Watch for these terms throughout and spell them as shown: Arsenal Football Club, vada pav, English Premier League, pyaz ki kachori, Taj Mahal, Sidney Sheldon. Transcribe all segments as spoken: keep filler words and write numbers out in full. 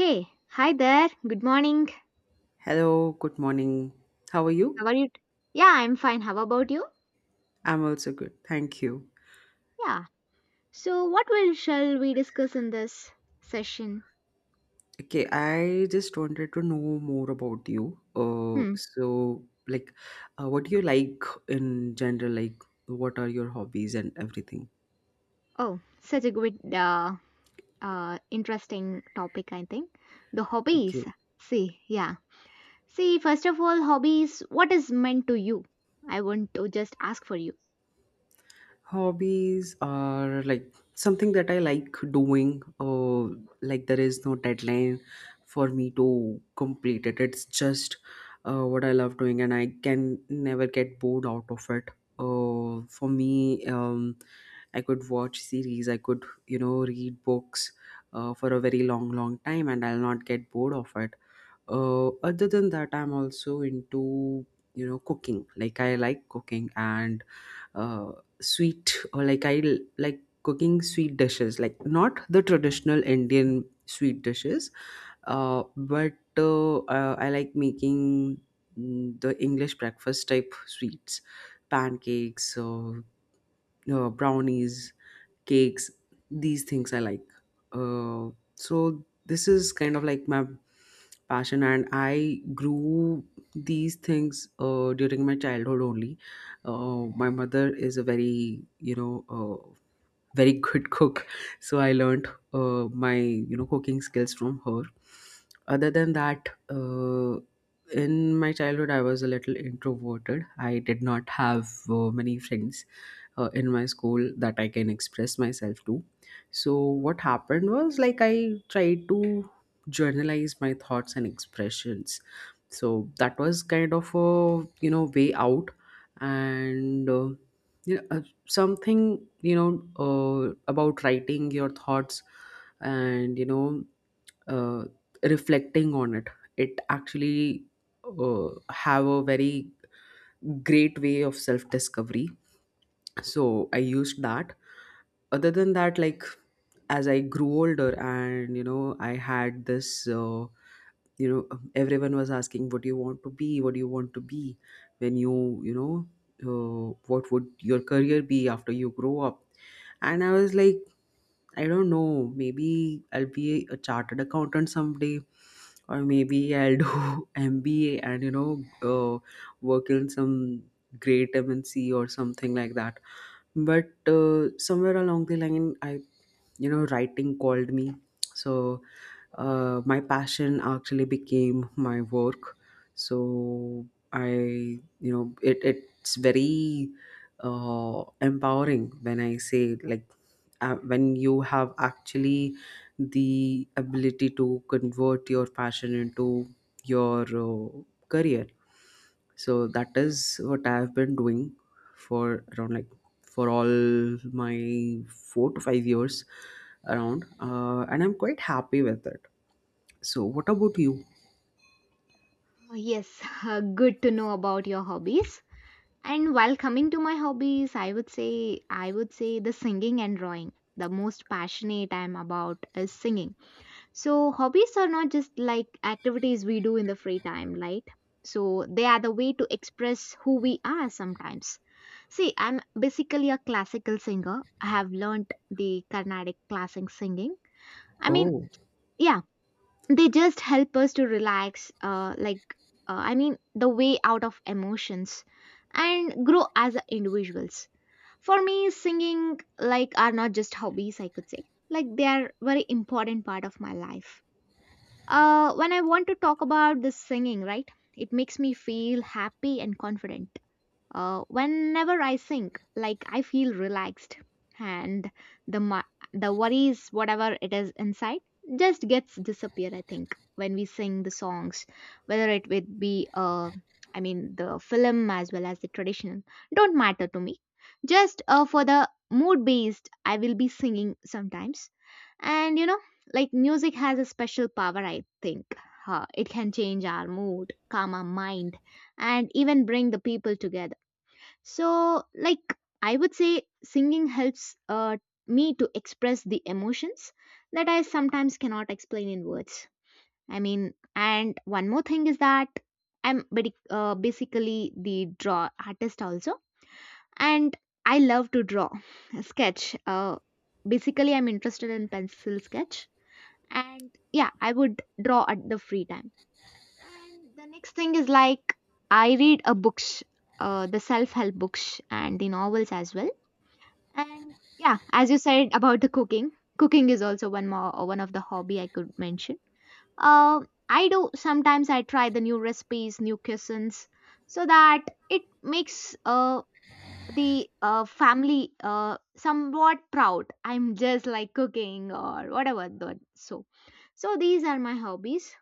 Hey, hi there. Good morning. Hello, good morning. How are you? How are you? t- Yeah, I'm fine. How about you? I'm also good. Thank you. Yeah. So, what will shall we discuss in this session? Okay, I just wanted to know more about you. Uh, Hmm. so like, uh, what do you like in general? Like, what are your hobbies and everything? Oh, such a good, uh, uh, interesting topic. I think the Okay, hobbies. See, yeah. See, first of all, hobbies. What is meant to you? I want to just ask for you. Hobbies are like something that I like doing. Uh, like there is no deadline for me to complete it. It's just uh, what I love doing, and I can never get bored out of it. Uh, for me, um, I could watch series. I could you know read books uh, for a very long, long time, and I'll not get bored of it. Uh, other than that, I'm also into you know cooking. Like I like cooking, and uh, sweet, or like I l- like cooking sweet dishes, like not the traditional Indian sweet dishes, uh, but uh, uh, I like making mm, the English breakfast type sweets, pancakes, uh, uh, brownies, cakes. These things I like. Uh, so this is kind of like my passion, and I grew these things uh, during my childhood only. Uh, my mother is a very, you know uh, very good cook. So I learned uh, my you know cooking skills from her. Other than that, uh, in my childhood, I was a little introverted. I did not have uh, many friends uh, in my school that I can express myself to. So what happened was, like, I tried to journalize my thoughts and expressions. So that was kind of a you know way out, and uh, you know, uh, something, you know uh, about writing your thoughts and you know uh, reflecting on it. It actually, uh, have a very great way of self discovery. So I used that. Other than that, like, as I grew older, and you know I had this, uh, you know everyone was asking, what do you want to be, what do you want to be when you you know uh, what would your career be after you grow up? And I was like, I don't know, maybe I'll be a chartered accountant someday, or maybe I'll do M B A and you know uh, work in some great M N C or something like that. But uh, somewhere along the line, I, you know writing called me. So uh, my passion actually became my work. So I you know it, it's very uh, empowering when I say, like, uh, when you have actually the ability to convert your passion into your uh, career. So that is what I have been doing for around, like, for all my four to five years around, uh, and I'm quite happy with it. So, what about you? Oh, yes, uh, good to know about your hobbies. And while coming to my hobbies, I would say I would say the singing and drawing. The most passionate I'm about is singing. So hobbies are not just like activities we do in the free time, right? So they are the way to express who we are sometimes. See, I'm basically a classical singer. I have learned the Carnatic classic singing. I mean, Oh, yeah, they just help us to relax, uh, like uh, I mean, the way out of emotions and grow as individuals for me, singing like are not just hobbies, I could say. Like they are very important part of my life. Uh, when I want to talk about this singing, right? It makes me feel happy and confident. Uh, whenever I think, like I feel relaxed, and the mu- the worries, whatever it is inside, just gets disappear. I think when we sing the songs, whether it would be uh, I mean the film as well as the traditional, don't matter to me. Just uh, for the mood based, I will be singing sometimes, and you know, like music has a special power. I think uh, it can change our mood, calm our mind, and even bring the people together. So, like, I would say singing helps uh, me to express the emotions that I sometimes cannot explain in words. I mean, and one more thing is that I'm badi- uh, basically the draw artist also, and I love to draw, sketch. Uh, basically, I'm interested in pencil sketch, and yeah, I would draw at the free time and the next thing is like I read a books, uh, the self-help books and the novels as well. And yeah, as you said about the cooking, cooking is also one more uh, one of the hobby I could mention. Uh, I do sometimes I try the new recipes, new cuisines, so that it makes uh the uh family uh somewhat proud. I'm just like cooking or whatever the so. So these are my hobbies.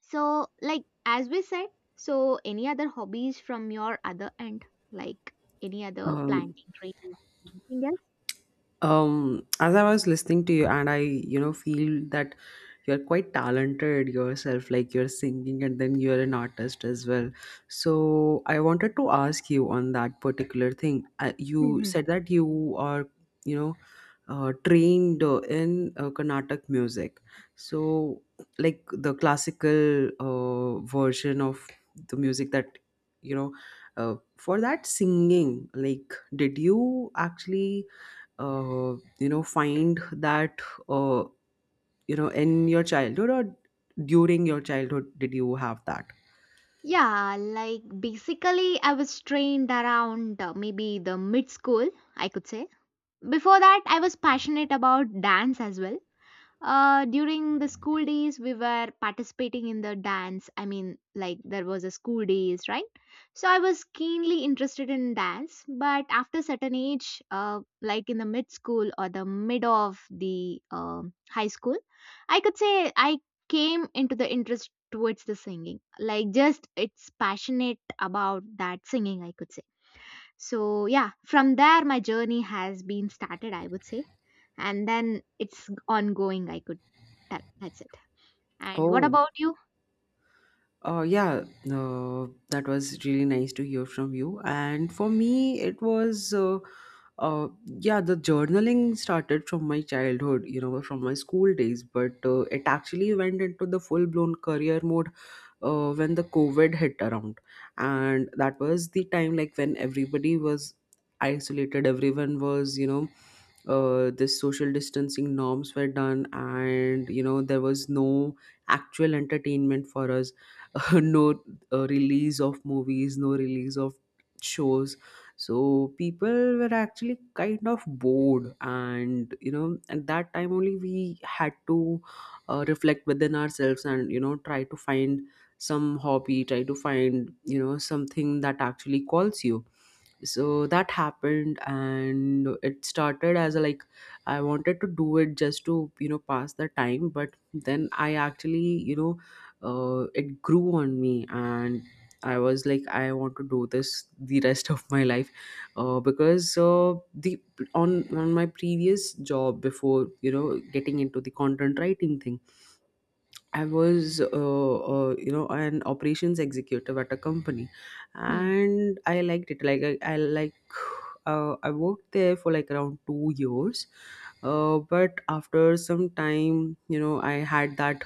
So, like as we said, so any other hobbies from your other end, like any other um, planting trees, anything else? um as I was listening to you, and I, you know feel that you're quite talented yourself, like you're singing, and then you're an artist as well. So I wanted to ask you on that particular thing. Uh, you Hmm. said that you are, you know uh, trained, uh, in, uh, Carnatic music. So, like, the classical uh, version of the music that, you know uh, for that singing, like, did you actually, uh, you know find that, uh, you know in your childhood, or during your childhood did you have that? Yeah, like basically, I was trained around uh, maybe the mid school, I could say. Before that, I was passionate about dance as well. Uh, during the school days, we were participating in the dance. I mean, like there was a school days, right? So I was keenly interested in dance, but after certain age, uh, like in the mid school or the mid of the um high school, I could say I came into the interest towards the singing. Like just it's passionate about that singing, I could say so, yeah, from there, my journey has been started, I would say. And then it's ongoing, I could tell. That's it. And what Oh, about you? uh, yeah, uh, that was really nice to hear from you. And for me, it was, uh, uh, yeah, the journaling started from my childhood, you know, from my school days, but uh, it actually went into the full blown career mode uh, when the covid hit around. And that was the time, like, when everybody was isolated. Everyone was, you know uh, this social distancing norms were done, and you know there was no actual entertainment for us. No uh, release of movies, no release of shows. So people were actually kind of bored, and you know at that time only we had to uh, reflect within ourselves, and you know try to find some hobby, try to find you know something that actually calls you. So that happened. And it started as a, like, I wanted to do it just to you know pass the time, but then I actually, you know uh, it grew on me. And I was like, I want to do this the rest of my life. Uh, because uh, the on on my previous job, before you know getting into the content writing thing, I was, uh, uh, you know, an operations executive at a company, Hmm. and I liked it. Like I, I like, uh, I worked there for, like, around two years, uh, but after some time, you know, I had that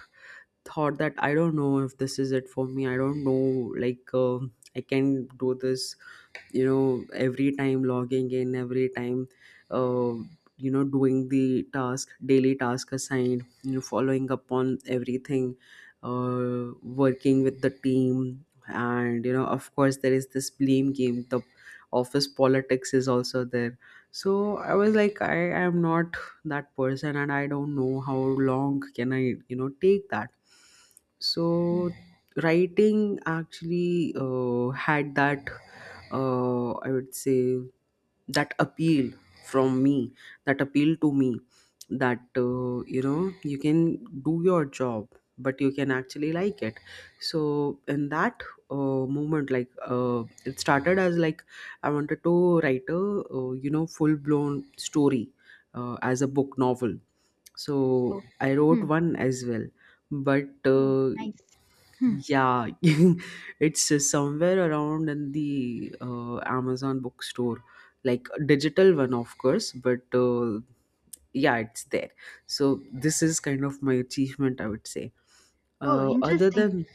thought that I don't know if this is it for me. I don't know, like, um I can do this, you know every time logging in, every time uh, you know doing the task, daily task assigned, you know following up on everything, uh, working with the team, and you know of course there is this blame game, the office politics is also there. So I was like, I am not that person, and I don't know how long can I, you know take that. Hmm. So writing actually, uh, had that, uh, I would say, that appeal from me, that appeal to me, that, uh, you know you can do your job, but you can actually like it. So in that, uh, moment, like, uh, it started as like I wanted to write a, uh, you know full blown story, uh, as a book novel. So Oh. I wrote Hmm. one as well, but Oh, uh, nice. Hmm. yeah, it's uh, somewhere around in the uh, Amazon bookstore, like a digital one, of course, but uh, yeah, it's there. So this is kind of my achievement, I would say. Oh, Uh, other interesting. than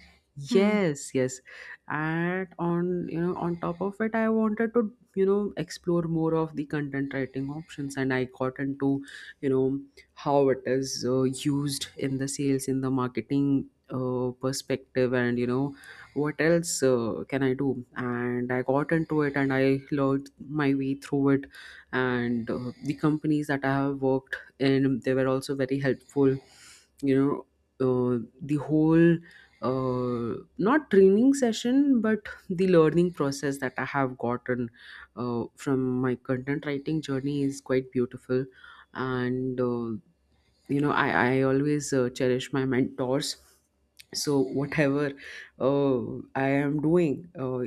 Hmm. Yes, yes. And on you know on top of it, I wanted to you know explore more of the content writing options, and I got into, you know how it is uh, used in the sales, in the marketing uh, perspective. And you know what else uh, can I do? And I got into it, and I learned my way through it. And uh, the companies that I have worked in, they were also very helpful. you know uh, the whole, uh, not training session, but the learning process that I have gotten uh, from my content writing journey is quite beautiful. And uh, you know i i always uh, cherish my mentors. So whatever uh, I am doing, uh,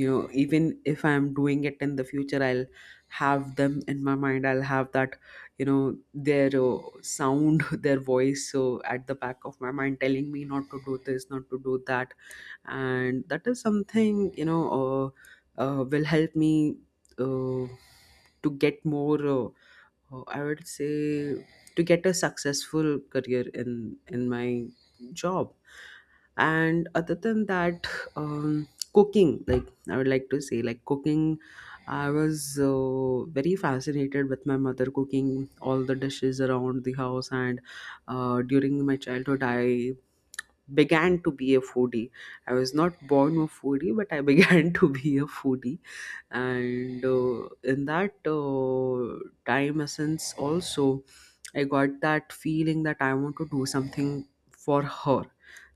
you know even if I am doing it in the future, I'll have them in my mind. I'll have that, you know their uh, sound, their voice, so, at the back of my mind, telling me not to do this, not to do that. And that is something, you know uh, uh, will help me, uh, to get more, uh, oh, I would say, to get a successful career in in my job. And other than that, um, cooking. Like, I would like to say, like, cooking, I was uh, very fascinated with my mother cooking all the dishes around the house. And uh, during my childhood, I began to be a foodie. I was not born a foodie, but I began to be a foodie. And uh, in that, uh, time essence also, I got that feeling that I want to do something for her.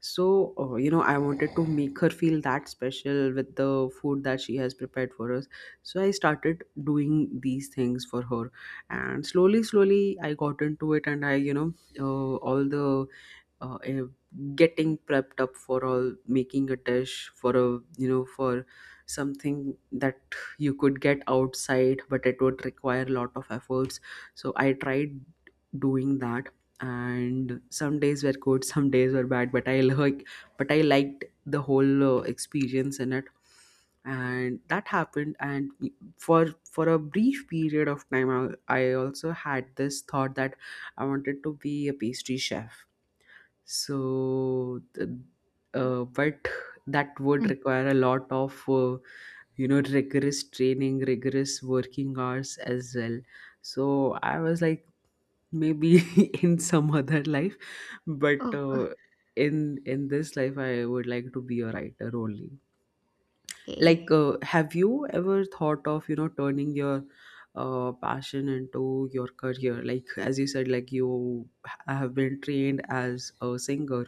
So, uh, you know I wanted to make her feel that special with the food that she has prepared for us. So I started doing these things for her. And slowly slowly I got into it. And I, you know uh, all the, uh, eh, getting prepped up for all, making a dish for a, you know for something that you could get outside, but it would require a lot of efforts. So I tried doing that. And some days were good, some days were bad, but i like but I liked the whole uh, experience in it. And that happened. And for for a brief period of time, I, I also had this thought that I wanted to be a pastry chef. So, th- Oh. uh, but that would Hmm. require a lot of, uh, you know, rigorous training, rigorous working hours as well. So I was like, maybe in some other life, but Oh, uh, in in this life, I would like to be a writer only. Like, okay. uh, have you ever thought of, you know, turning your uh, passion into your career? Like, as you said, like you ha- have been trained as a singer,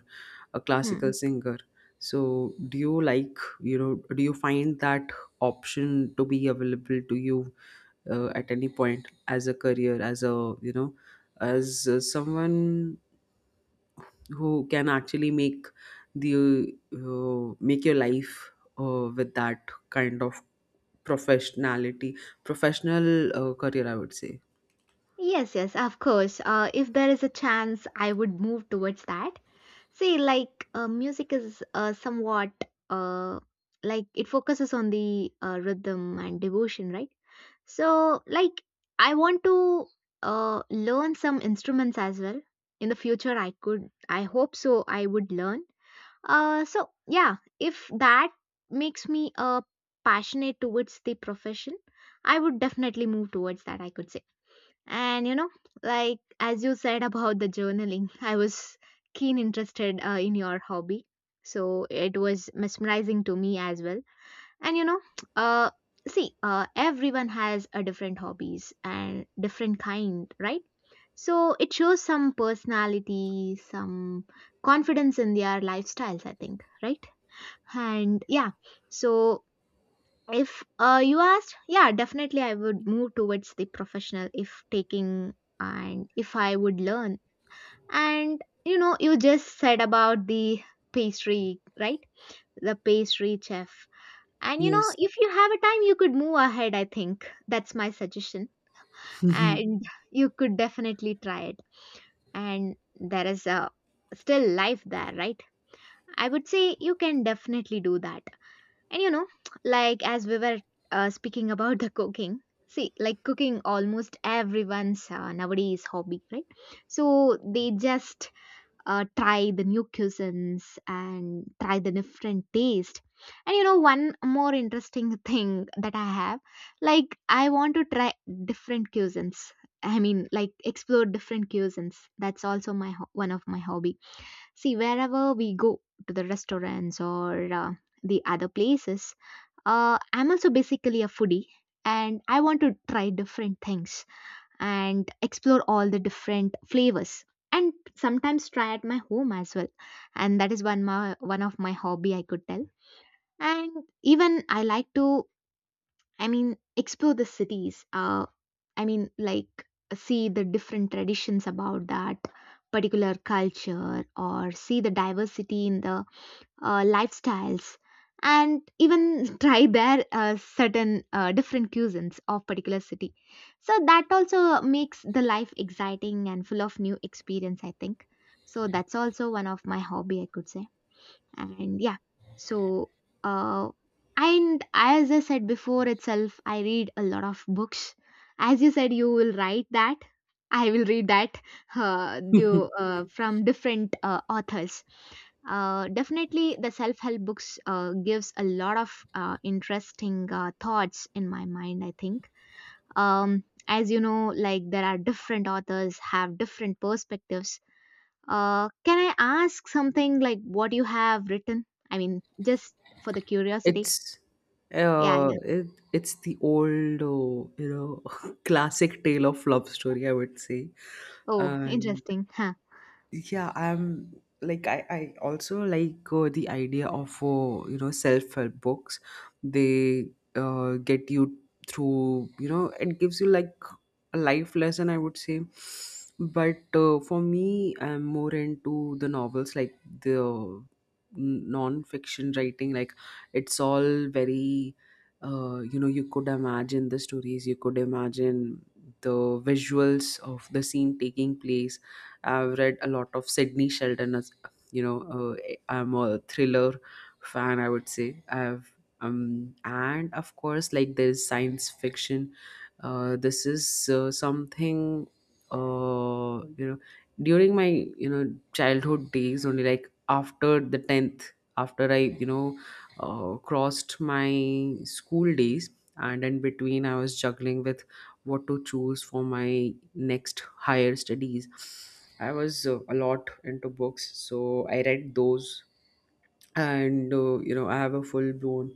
a classical Hmm. singer. So do you, like, you know do you find that option to be available to you, uh, at any point, as a career, as a, you know as, uh, someone who can actually make the, uh, make your life, uh, with that kind of professionality, professional uh, career, I would say? Yes, yes, of course. Uh, if there is a chance, I would move towards that. See, like uh, music is uh, somewhat uh, like it focuses on the uh, rhythm and devotion, right? So, like, I want to uh, learn some instruments as well. In the future, I could, I hope so, I would learn. Uh, so, yeah, if that makes me uh, passionate towards the profession, I would definitely move towards that, I could say. And, you know, like, as you said about the journaling, I was keen interested uh, in your hobby. So, it was mesmerizing to me as well and you know uh see uh everyone has a different hobbies and different kind, right? So it shows some personality, some confidence in their lifestyles, I think, right? And yeah, so if uh you asked, yeah, definitely I would move towards the professional if taking and if I would learn. And you know you just said about the pastry, right? The pastry chef. And you know, Yes. if you have a time, you could move ahead, I think. That's my suggestion. And you could definitely try it. And there is a still life there, right? I would say you can definitely do that. And you know, like as we were uh, speaking about the cooking, see, like cooking almost everyone's uh, nowadays hobby, right? So they just uh, try the new cuisines and try the different taste. And you know one more interesting thing that I have, like I want to try different cuisines. I mean, like explore different cuisines, that's also my ho- one of my hobby. See wherever we go to the restaurants or uh, the other places, uh, I'm also basically a foodie, and I want to try different things and explore all the different flavors and sometimes try at my home as well. And that is one my one of my hobby I could tell. And even I like to, I mean, explore the cities uh I mean, like see the different traditions about that particular culture, or see the diversity in the uh, lifestyles, and even try their uh, certain uh, different cuisines of particular city. So that also makes the life exciting and full of new experience, I think. So that's also one of my hobby, I could say. And yeah, so uh, and as I said before itself, I read a lot of books. As you said you will write that, I will read that. Uh, do, uh, from different uh, authors, uh, definitely, the self-help books uh, gives a lot of uh, interesting uh, thoughts in my mind, I think. Um, as you know, like there are different authors have different perspectives. Uh, can I ask something like what you have written? I mean, just for the curiosity. It's Yeah, uh, yeah. it, it's the old, uh, you know, classic tale of love story, I would say. Oh, And interesting. Huh. yeah, i'm like i i also like uh, the idea of uh, you know, self-help books. They uh, get you through, you know, it gives you like a life lesson, I would say. But uh, for me, I'm more into the novels, like the n- non-fiction writing. Like, it's all very, uh, you know, you could imagine the stories, you could imagine the visuals of the scene taking place. I've read a lot of Sidney Sheldon. As you know, uh, I'm a thriller fan, I would say. I've, um and of course, like, there's science fiction. Uh, this is, uh, something, uh, you know, during my, you know, childhood days only, like after the tenth, after I, you know, uh, crossed my school days, and in between I was juggling with what to choose for my next higher studies. I was, uh, a lot into books, so I read those. And uh, you know, I have a full blown,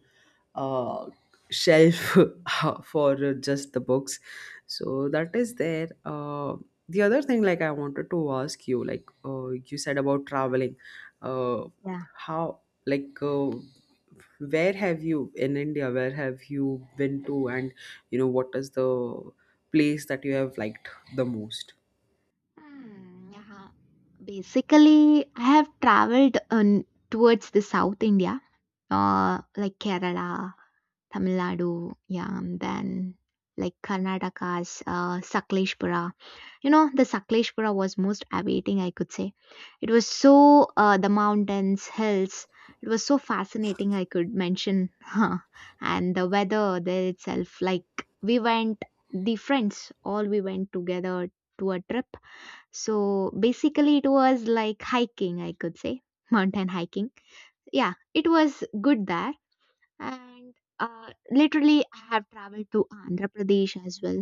uh, shelf for uh, just the books. So that is there. Uh, the other thing, like, I wanted to ask you, like, uh, you said about traveling. uh, Yeah. how, like, uh, where have you, in India, where have you been to? And you know, what is the place that you have liked the most? Hmm, yeah. Basically, I have traveled on towards the South India, uh, like Kerala, Tamil Nadu, yeah, and then like Karnataka's uh, Sakleshpura. You know, the Sakleshpura was most awaiting, I could say. It was so, uh, the mountains, hills, it was so fascinating, I could mention. And the weather there itself, like we went, the friends, all we went together to a trip. So basically, it was like hiking, I could say, mountain hiking. Yeah, it was good there. And uh, literally I have traveled to Andhra Pradesh as well.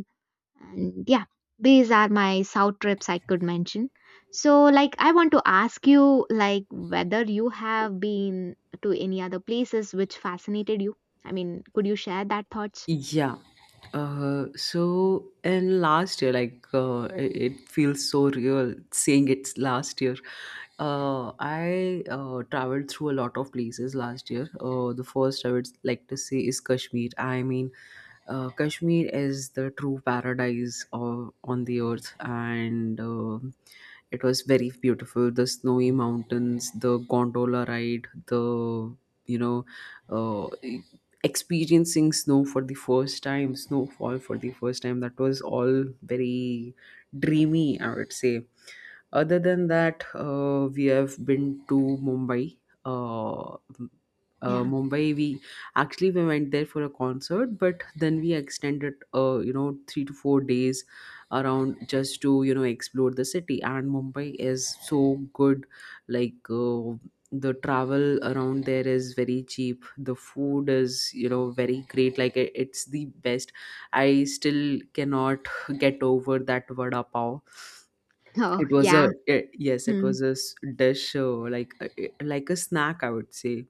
And yeah, these are my south trips I could mention. So like I want to ask you, like whether you have been to any other places which fascinated you. I mean, could you share that thoughts? Yeah. Uh, so, and last year, like, uh, it it feels so real saying it's last year. Uh, I uh, traveled through a lot of places last year. Uh, the first I would like to say is Kashmir. I mean, uh, Kashmir is the true paradise of, on the earth, and um it was very beautiful. The snowy mountains, the gondola ride, the, you know, uh, experiencing snow for the first time, snowfall for the first time. That was all very dreamy, I would say. Other than that, uh, we have been to Mumbai. Uh, m- uh, Yeah. Mumbai, we actually we went there for a concert, but then we extended, uh, you know, three to four days around, just to, you know, explore the city. And Mumbai is so good, like. Uh, the travel around there is very cheap, the food is, you know, very great, like i- it's the best. I still cannot get over that vada pav. Oh. It was Yeah. a eh, yes, it Hmm. was a s- dish, uh, like, uh, eh, like a snack, I would say.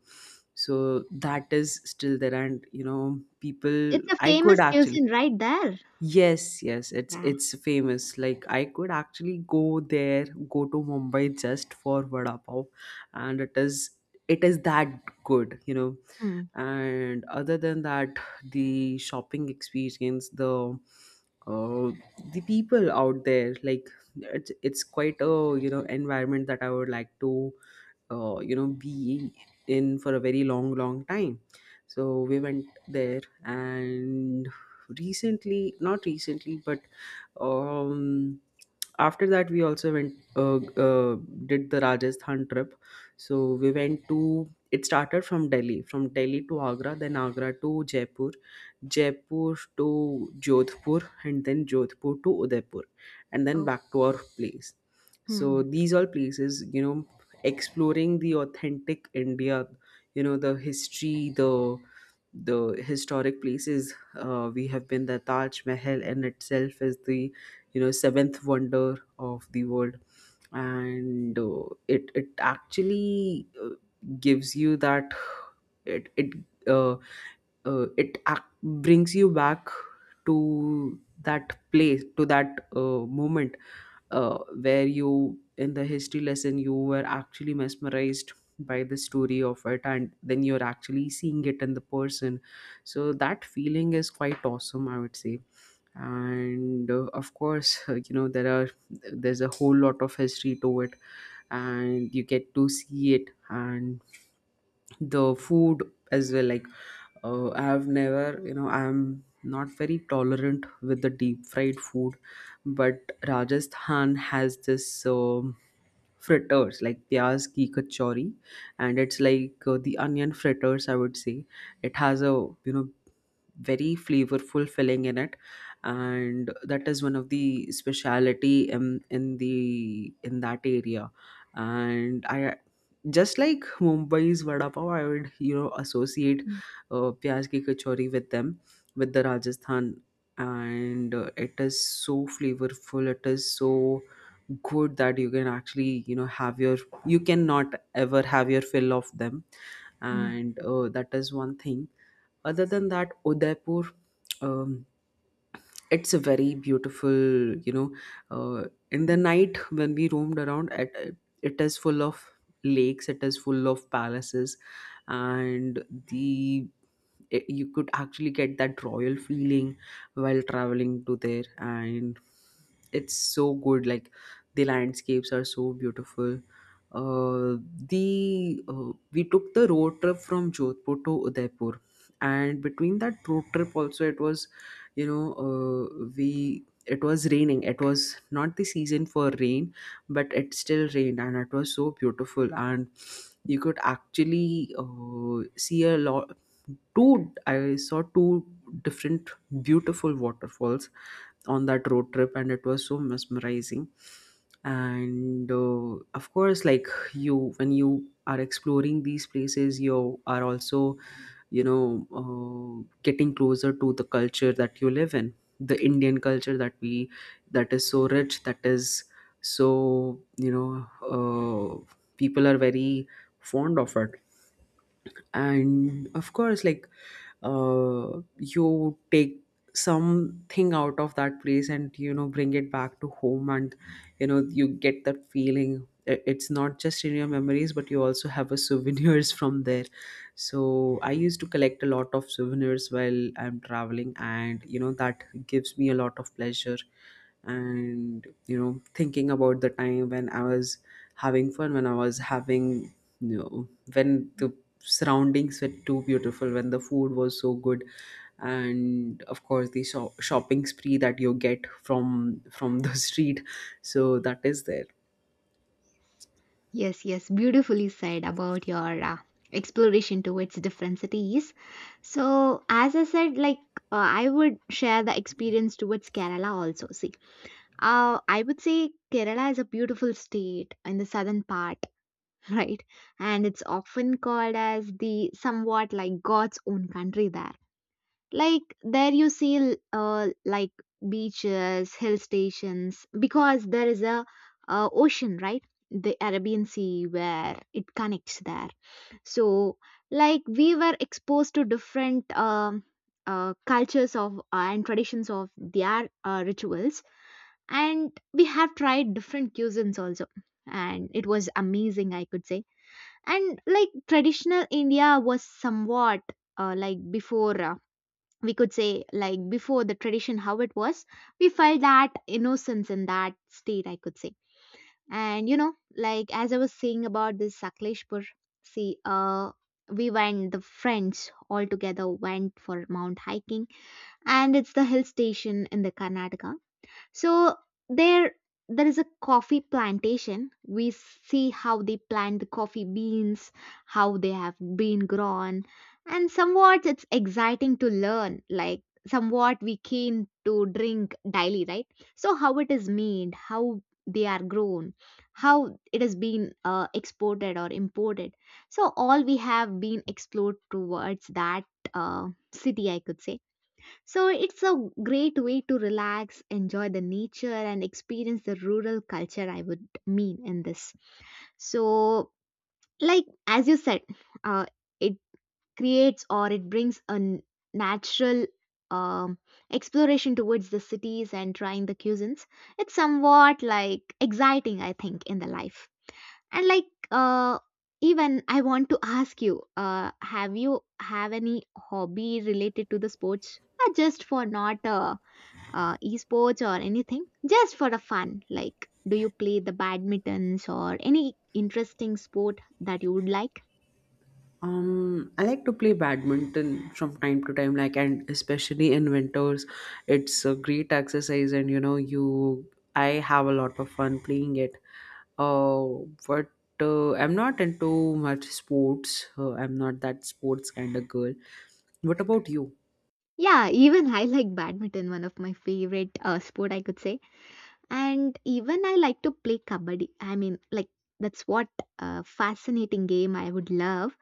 So that is still there, and you know, people It's a I could famous actually... cuisine right there. yes, yes, it's Yeah. it's famous. Like, I could actually go there, go to Mumbai just for vada pav, and it is it is that good, you know. Hmm. And other than that, the shopping experience, the uh, the people out there, like it's it's quite a, you know, environment that I would like to, uh, you know, be in for a very long long time. So we went there, and recently, not recently, but um after that we also went, uh, uh, did the Rajasthan trip. So we went to... it started from Delhi, from delhi to Agra, then Agra to Jaipur, Jaipur to Jodhpur, and then Jodhpur to Udaipur, and then Oh. back to our place. So Hmm. these all places, you know, exploring the authentic India, you know, the history, the the historic places. Uh, we have been... the Taj Mahal in itself is the, you know, seventh wonder of the world. And uh, it it actually, uh, gives you that. It it uh, uh, it ac- brings you back to that place, to that, uh, moment, uh, where you, in the history lesson, you were actually mesmerized by the story of it, and then you're actually seeing it in the person. So that feeling is quite awesome, I would say. And uh, of course, uh, you know, there are there's a whole lot of history to it, and you get to see it. And the food as well, like, uh, I have never, you know, I'm not very tolerant with the deep fried food, but Rajasthan has this um fritters like pyaz ki kachori, and it's like, uh, the onion fritters, I would say. It has a, you know, very flavorful filling in it, and that is one of the speciality in in the in that area. And I, just like Mumbai's vada pav, I would, you know, associate Hmm. uh, pyaz ki kachori with them, with the Rajasthan, and uh, it is so flavorful. It is so good that you can actually, you know, have your... you cannot ever have your fill of them, Hmm. and uh, that is one thing. Other than that, Udaipur. Um, it's a very beautiful, you know, uh, in the night when we roamed around it, it is full of lakes, it is full of palaces, and the it, you could actually get that royal feeling while traveling to there, and it's so good, like, the landscapes are so beautiful. Uh, the uh, We took the road trip from Jodhpur to Udaipur, and between that road trip also, it was, you know, uh, we it was raining, it was not the season for rain, but it still rained, and it was so beautiful, and you could actually, uh, see a lot. Two I saw two different beautiful waterfalls on that road trip, and it was so mesmerizing. And uh, of course, like, you when you are exploring these places, you are also, you know, uh, getting closer to the culture that you live in, the Indian culture that we that is so rich, that is so, you know, uh, people are very fond of it. And of course, like, uh, you take something out of that place and, you know, bring it back to home, and, you know, you get that feeling. I- it's not just in your memories, but you also have a souvenirs from there. So I used to collect a lot of souvenirs while I'm traveling, and you know, that gives me a lot of pleasure, and you know, thinking about the time when I was having fun, when I was having, you know, when the surroundings were too beautiful, when the food was so good, and of course the shop shopping spree that you get from from the street. So that is there. Yes, yes, beautifully said about your uh, exploration towards different cities. So, as I said, like uh, I would share the experience towards Kerala also. See, uh, I would say Kerala is a beautiful state in the southern part, right? And it's often called as the somewhat like God's own country there. Like there you see l- uh, like beaches, hill stations, because there is a uh, ocean, right? The Arabian Sea where it connects there. So like we were exposed to different um uh, cultures of uh, and traditions of their uh, rituals, and we have tried different cuisines also, and it was amazing, I could say. And like traditional India was somewhat uh, like before uh, we could say like before the tradition how it was, we felt that innocence in that state, I could say. And you know, like as I was saying about this Sakleshpur, see uh we went, the friends all together went for mount hiking, and it's the hill station in the Karnataka. So there there is a coffee plantation. We see how they plant the coffee beans, how they have been grown, and somewhat it's exciting to learn, like somewhat we came to drink daily, right? So how it is made, how they are grown, how it has been uh, exported or imported. So all we have been explored towards that uh, city, I could say. So it's a great way to relax, enjoy the nature, and experience the rural culture, I would mean in this. So, like as you said, uh, it creates, or it brings a n- natural um, exploration towards the cities and trying the cuisines. It's somewhat like exciting, I think, in the life. And like uh, even I want to ask you, uh, have you have any hobby related to the sports? Uh, just for not uh, uh, esports or anything, just for a fun, like do you play the badmintons or any interesting sport that you would like? um I like to play badminton from time to time, like, and especially in winters. It's a great exercise, and you know, you I have a lot of fun playing it. uh but uh, I'm not into much sports, uh, I'm not that sports kind of girl. What about you? Yeah. Even I like badminton, one of my favorite uh, sport I could say. And even I like to play kabaddi. I mean, like that's what a fascinating game I would love.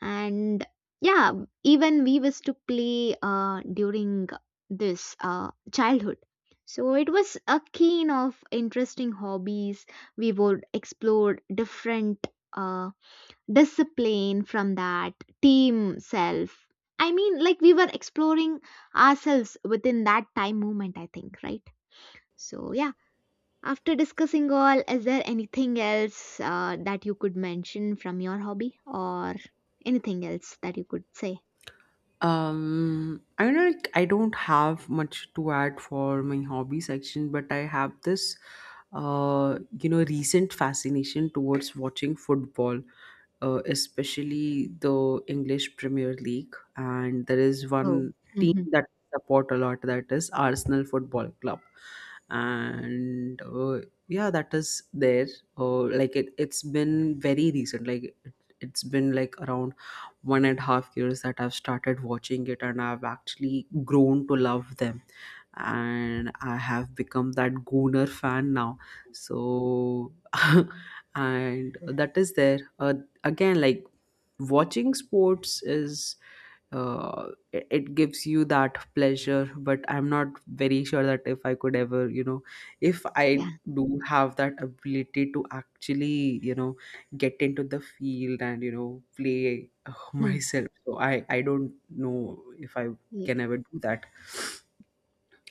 And yeah, even we used to play uh, during this uh, childhood. So it was a keen of interesting hobbies. We would explore different uh, discipline from that team self. I mean, like we were exploring ourselves within that time moment, I think, right? So yeah, after discussing all, is there anything else uh, that you could mention from your hobby or anything else that you could say? Um, I know, like, I don't have much to add for my hobby section, but I have this, uh, you know, recent fascination towards watching football, uh, especially the English Premier League. And there is Oh. one team Hmm. that I support a lot, that is Arsenal Football Club. And uh, yeah, that is there. Uh, like it, it's been very recent. Like it, it's been like around one and a half years that I've started watching it, and I've actually grown to love them. And I have become that Gooner fan now. So and that is there. Uh, again, like, watching sports is, uh, it, it gives you that pleasure, but I'm not very sure that if I could ever, you know, if Yeah. I do have that ability to actually, you know, get into the field and, you know, play, uh, Hmm. myself. So i i don't know if I can Yeah, ever do that.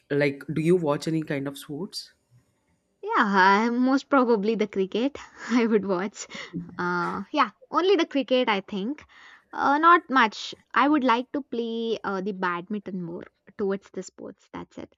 Like, do you watch any kind of sports? yeah, uh, most probably the cricket I would watch. Uh, yeah, only the cricket, I think. Uh, not much. I would like to play uh, the badminton more towards the sports. That's it.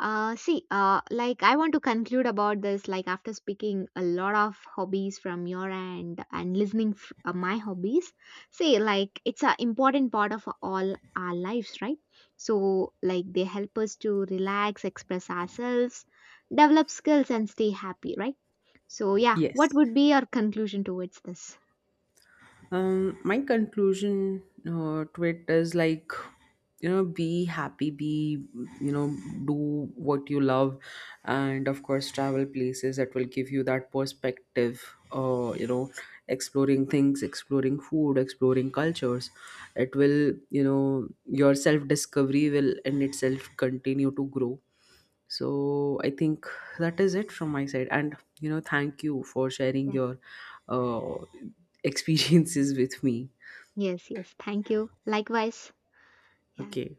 Uh, see, uh, like I want to conclude about this. Like after speaking a lot of hobbies from your end and listening f- uh, my hobbies, see, like it's an important part of all our lives, right? So like they help us to relax, express ourselves, develop skills, and stay happy, right? So yeah, what Yes. would be your conclusion towards this? Um, my conclusion, uh, to it is, like, you know, be happy, be, you know, do what you love. And of course, travel places that will give you that perspective, uh, you know, exploring things, exploring food, exploring cultures. It will, you know, your self discovery will in itself continue to grow. So I think that is it from my side. And you know, thank you for sharing Yeah. your uh, experiences with me. Yes, yes. Thank you. Likewise. Yeah. Okay.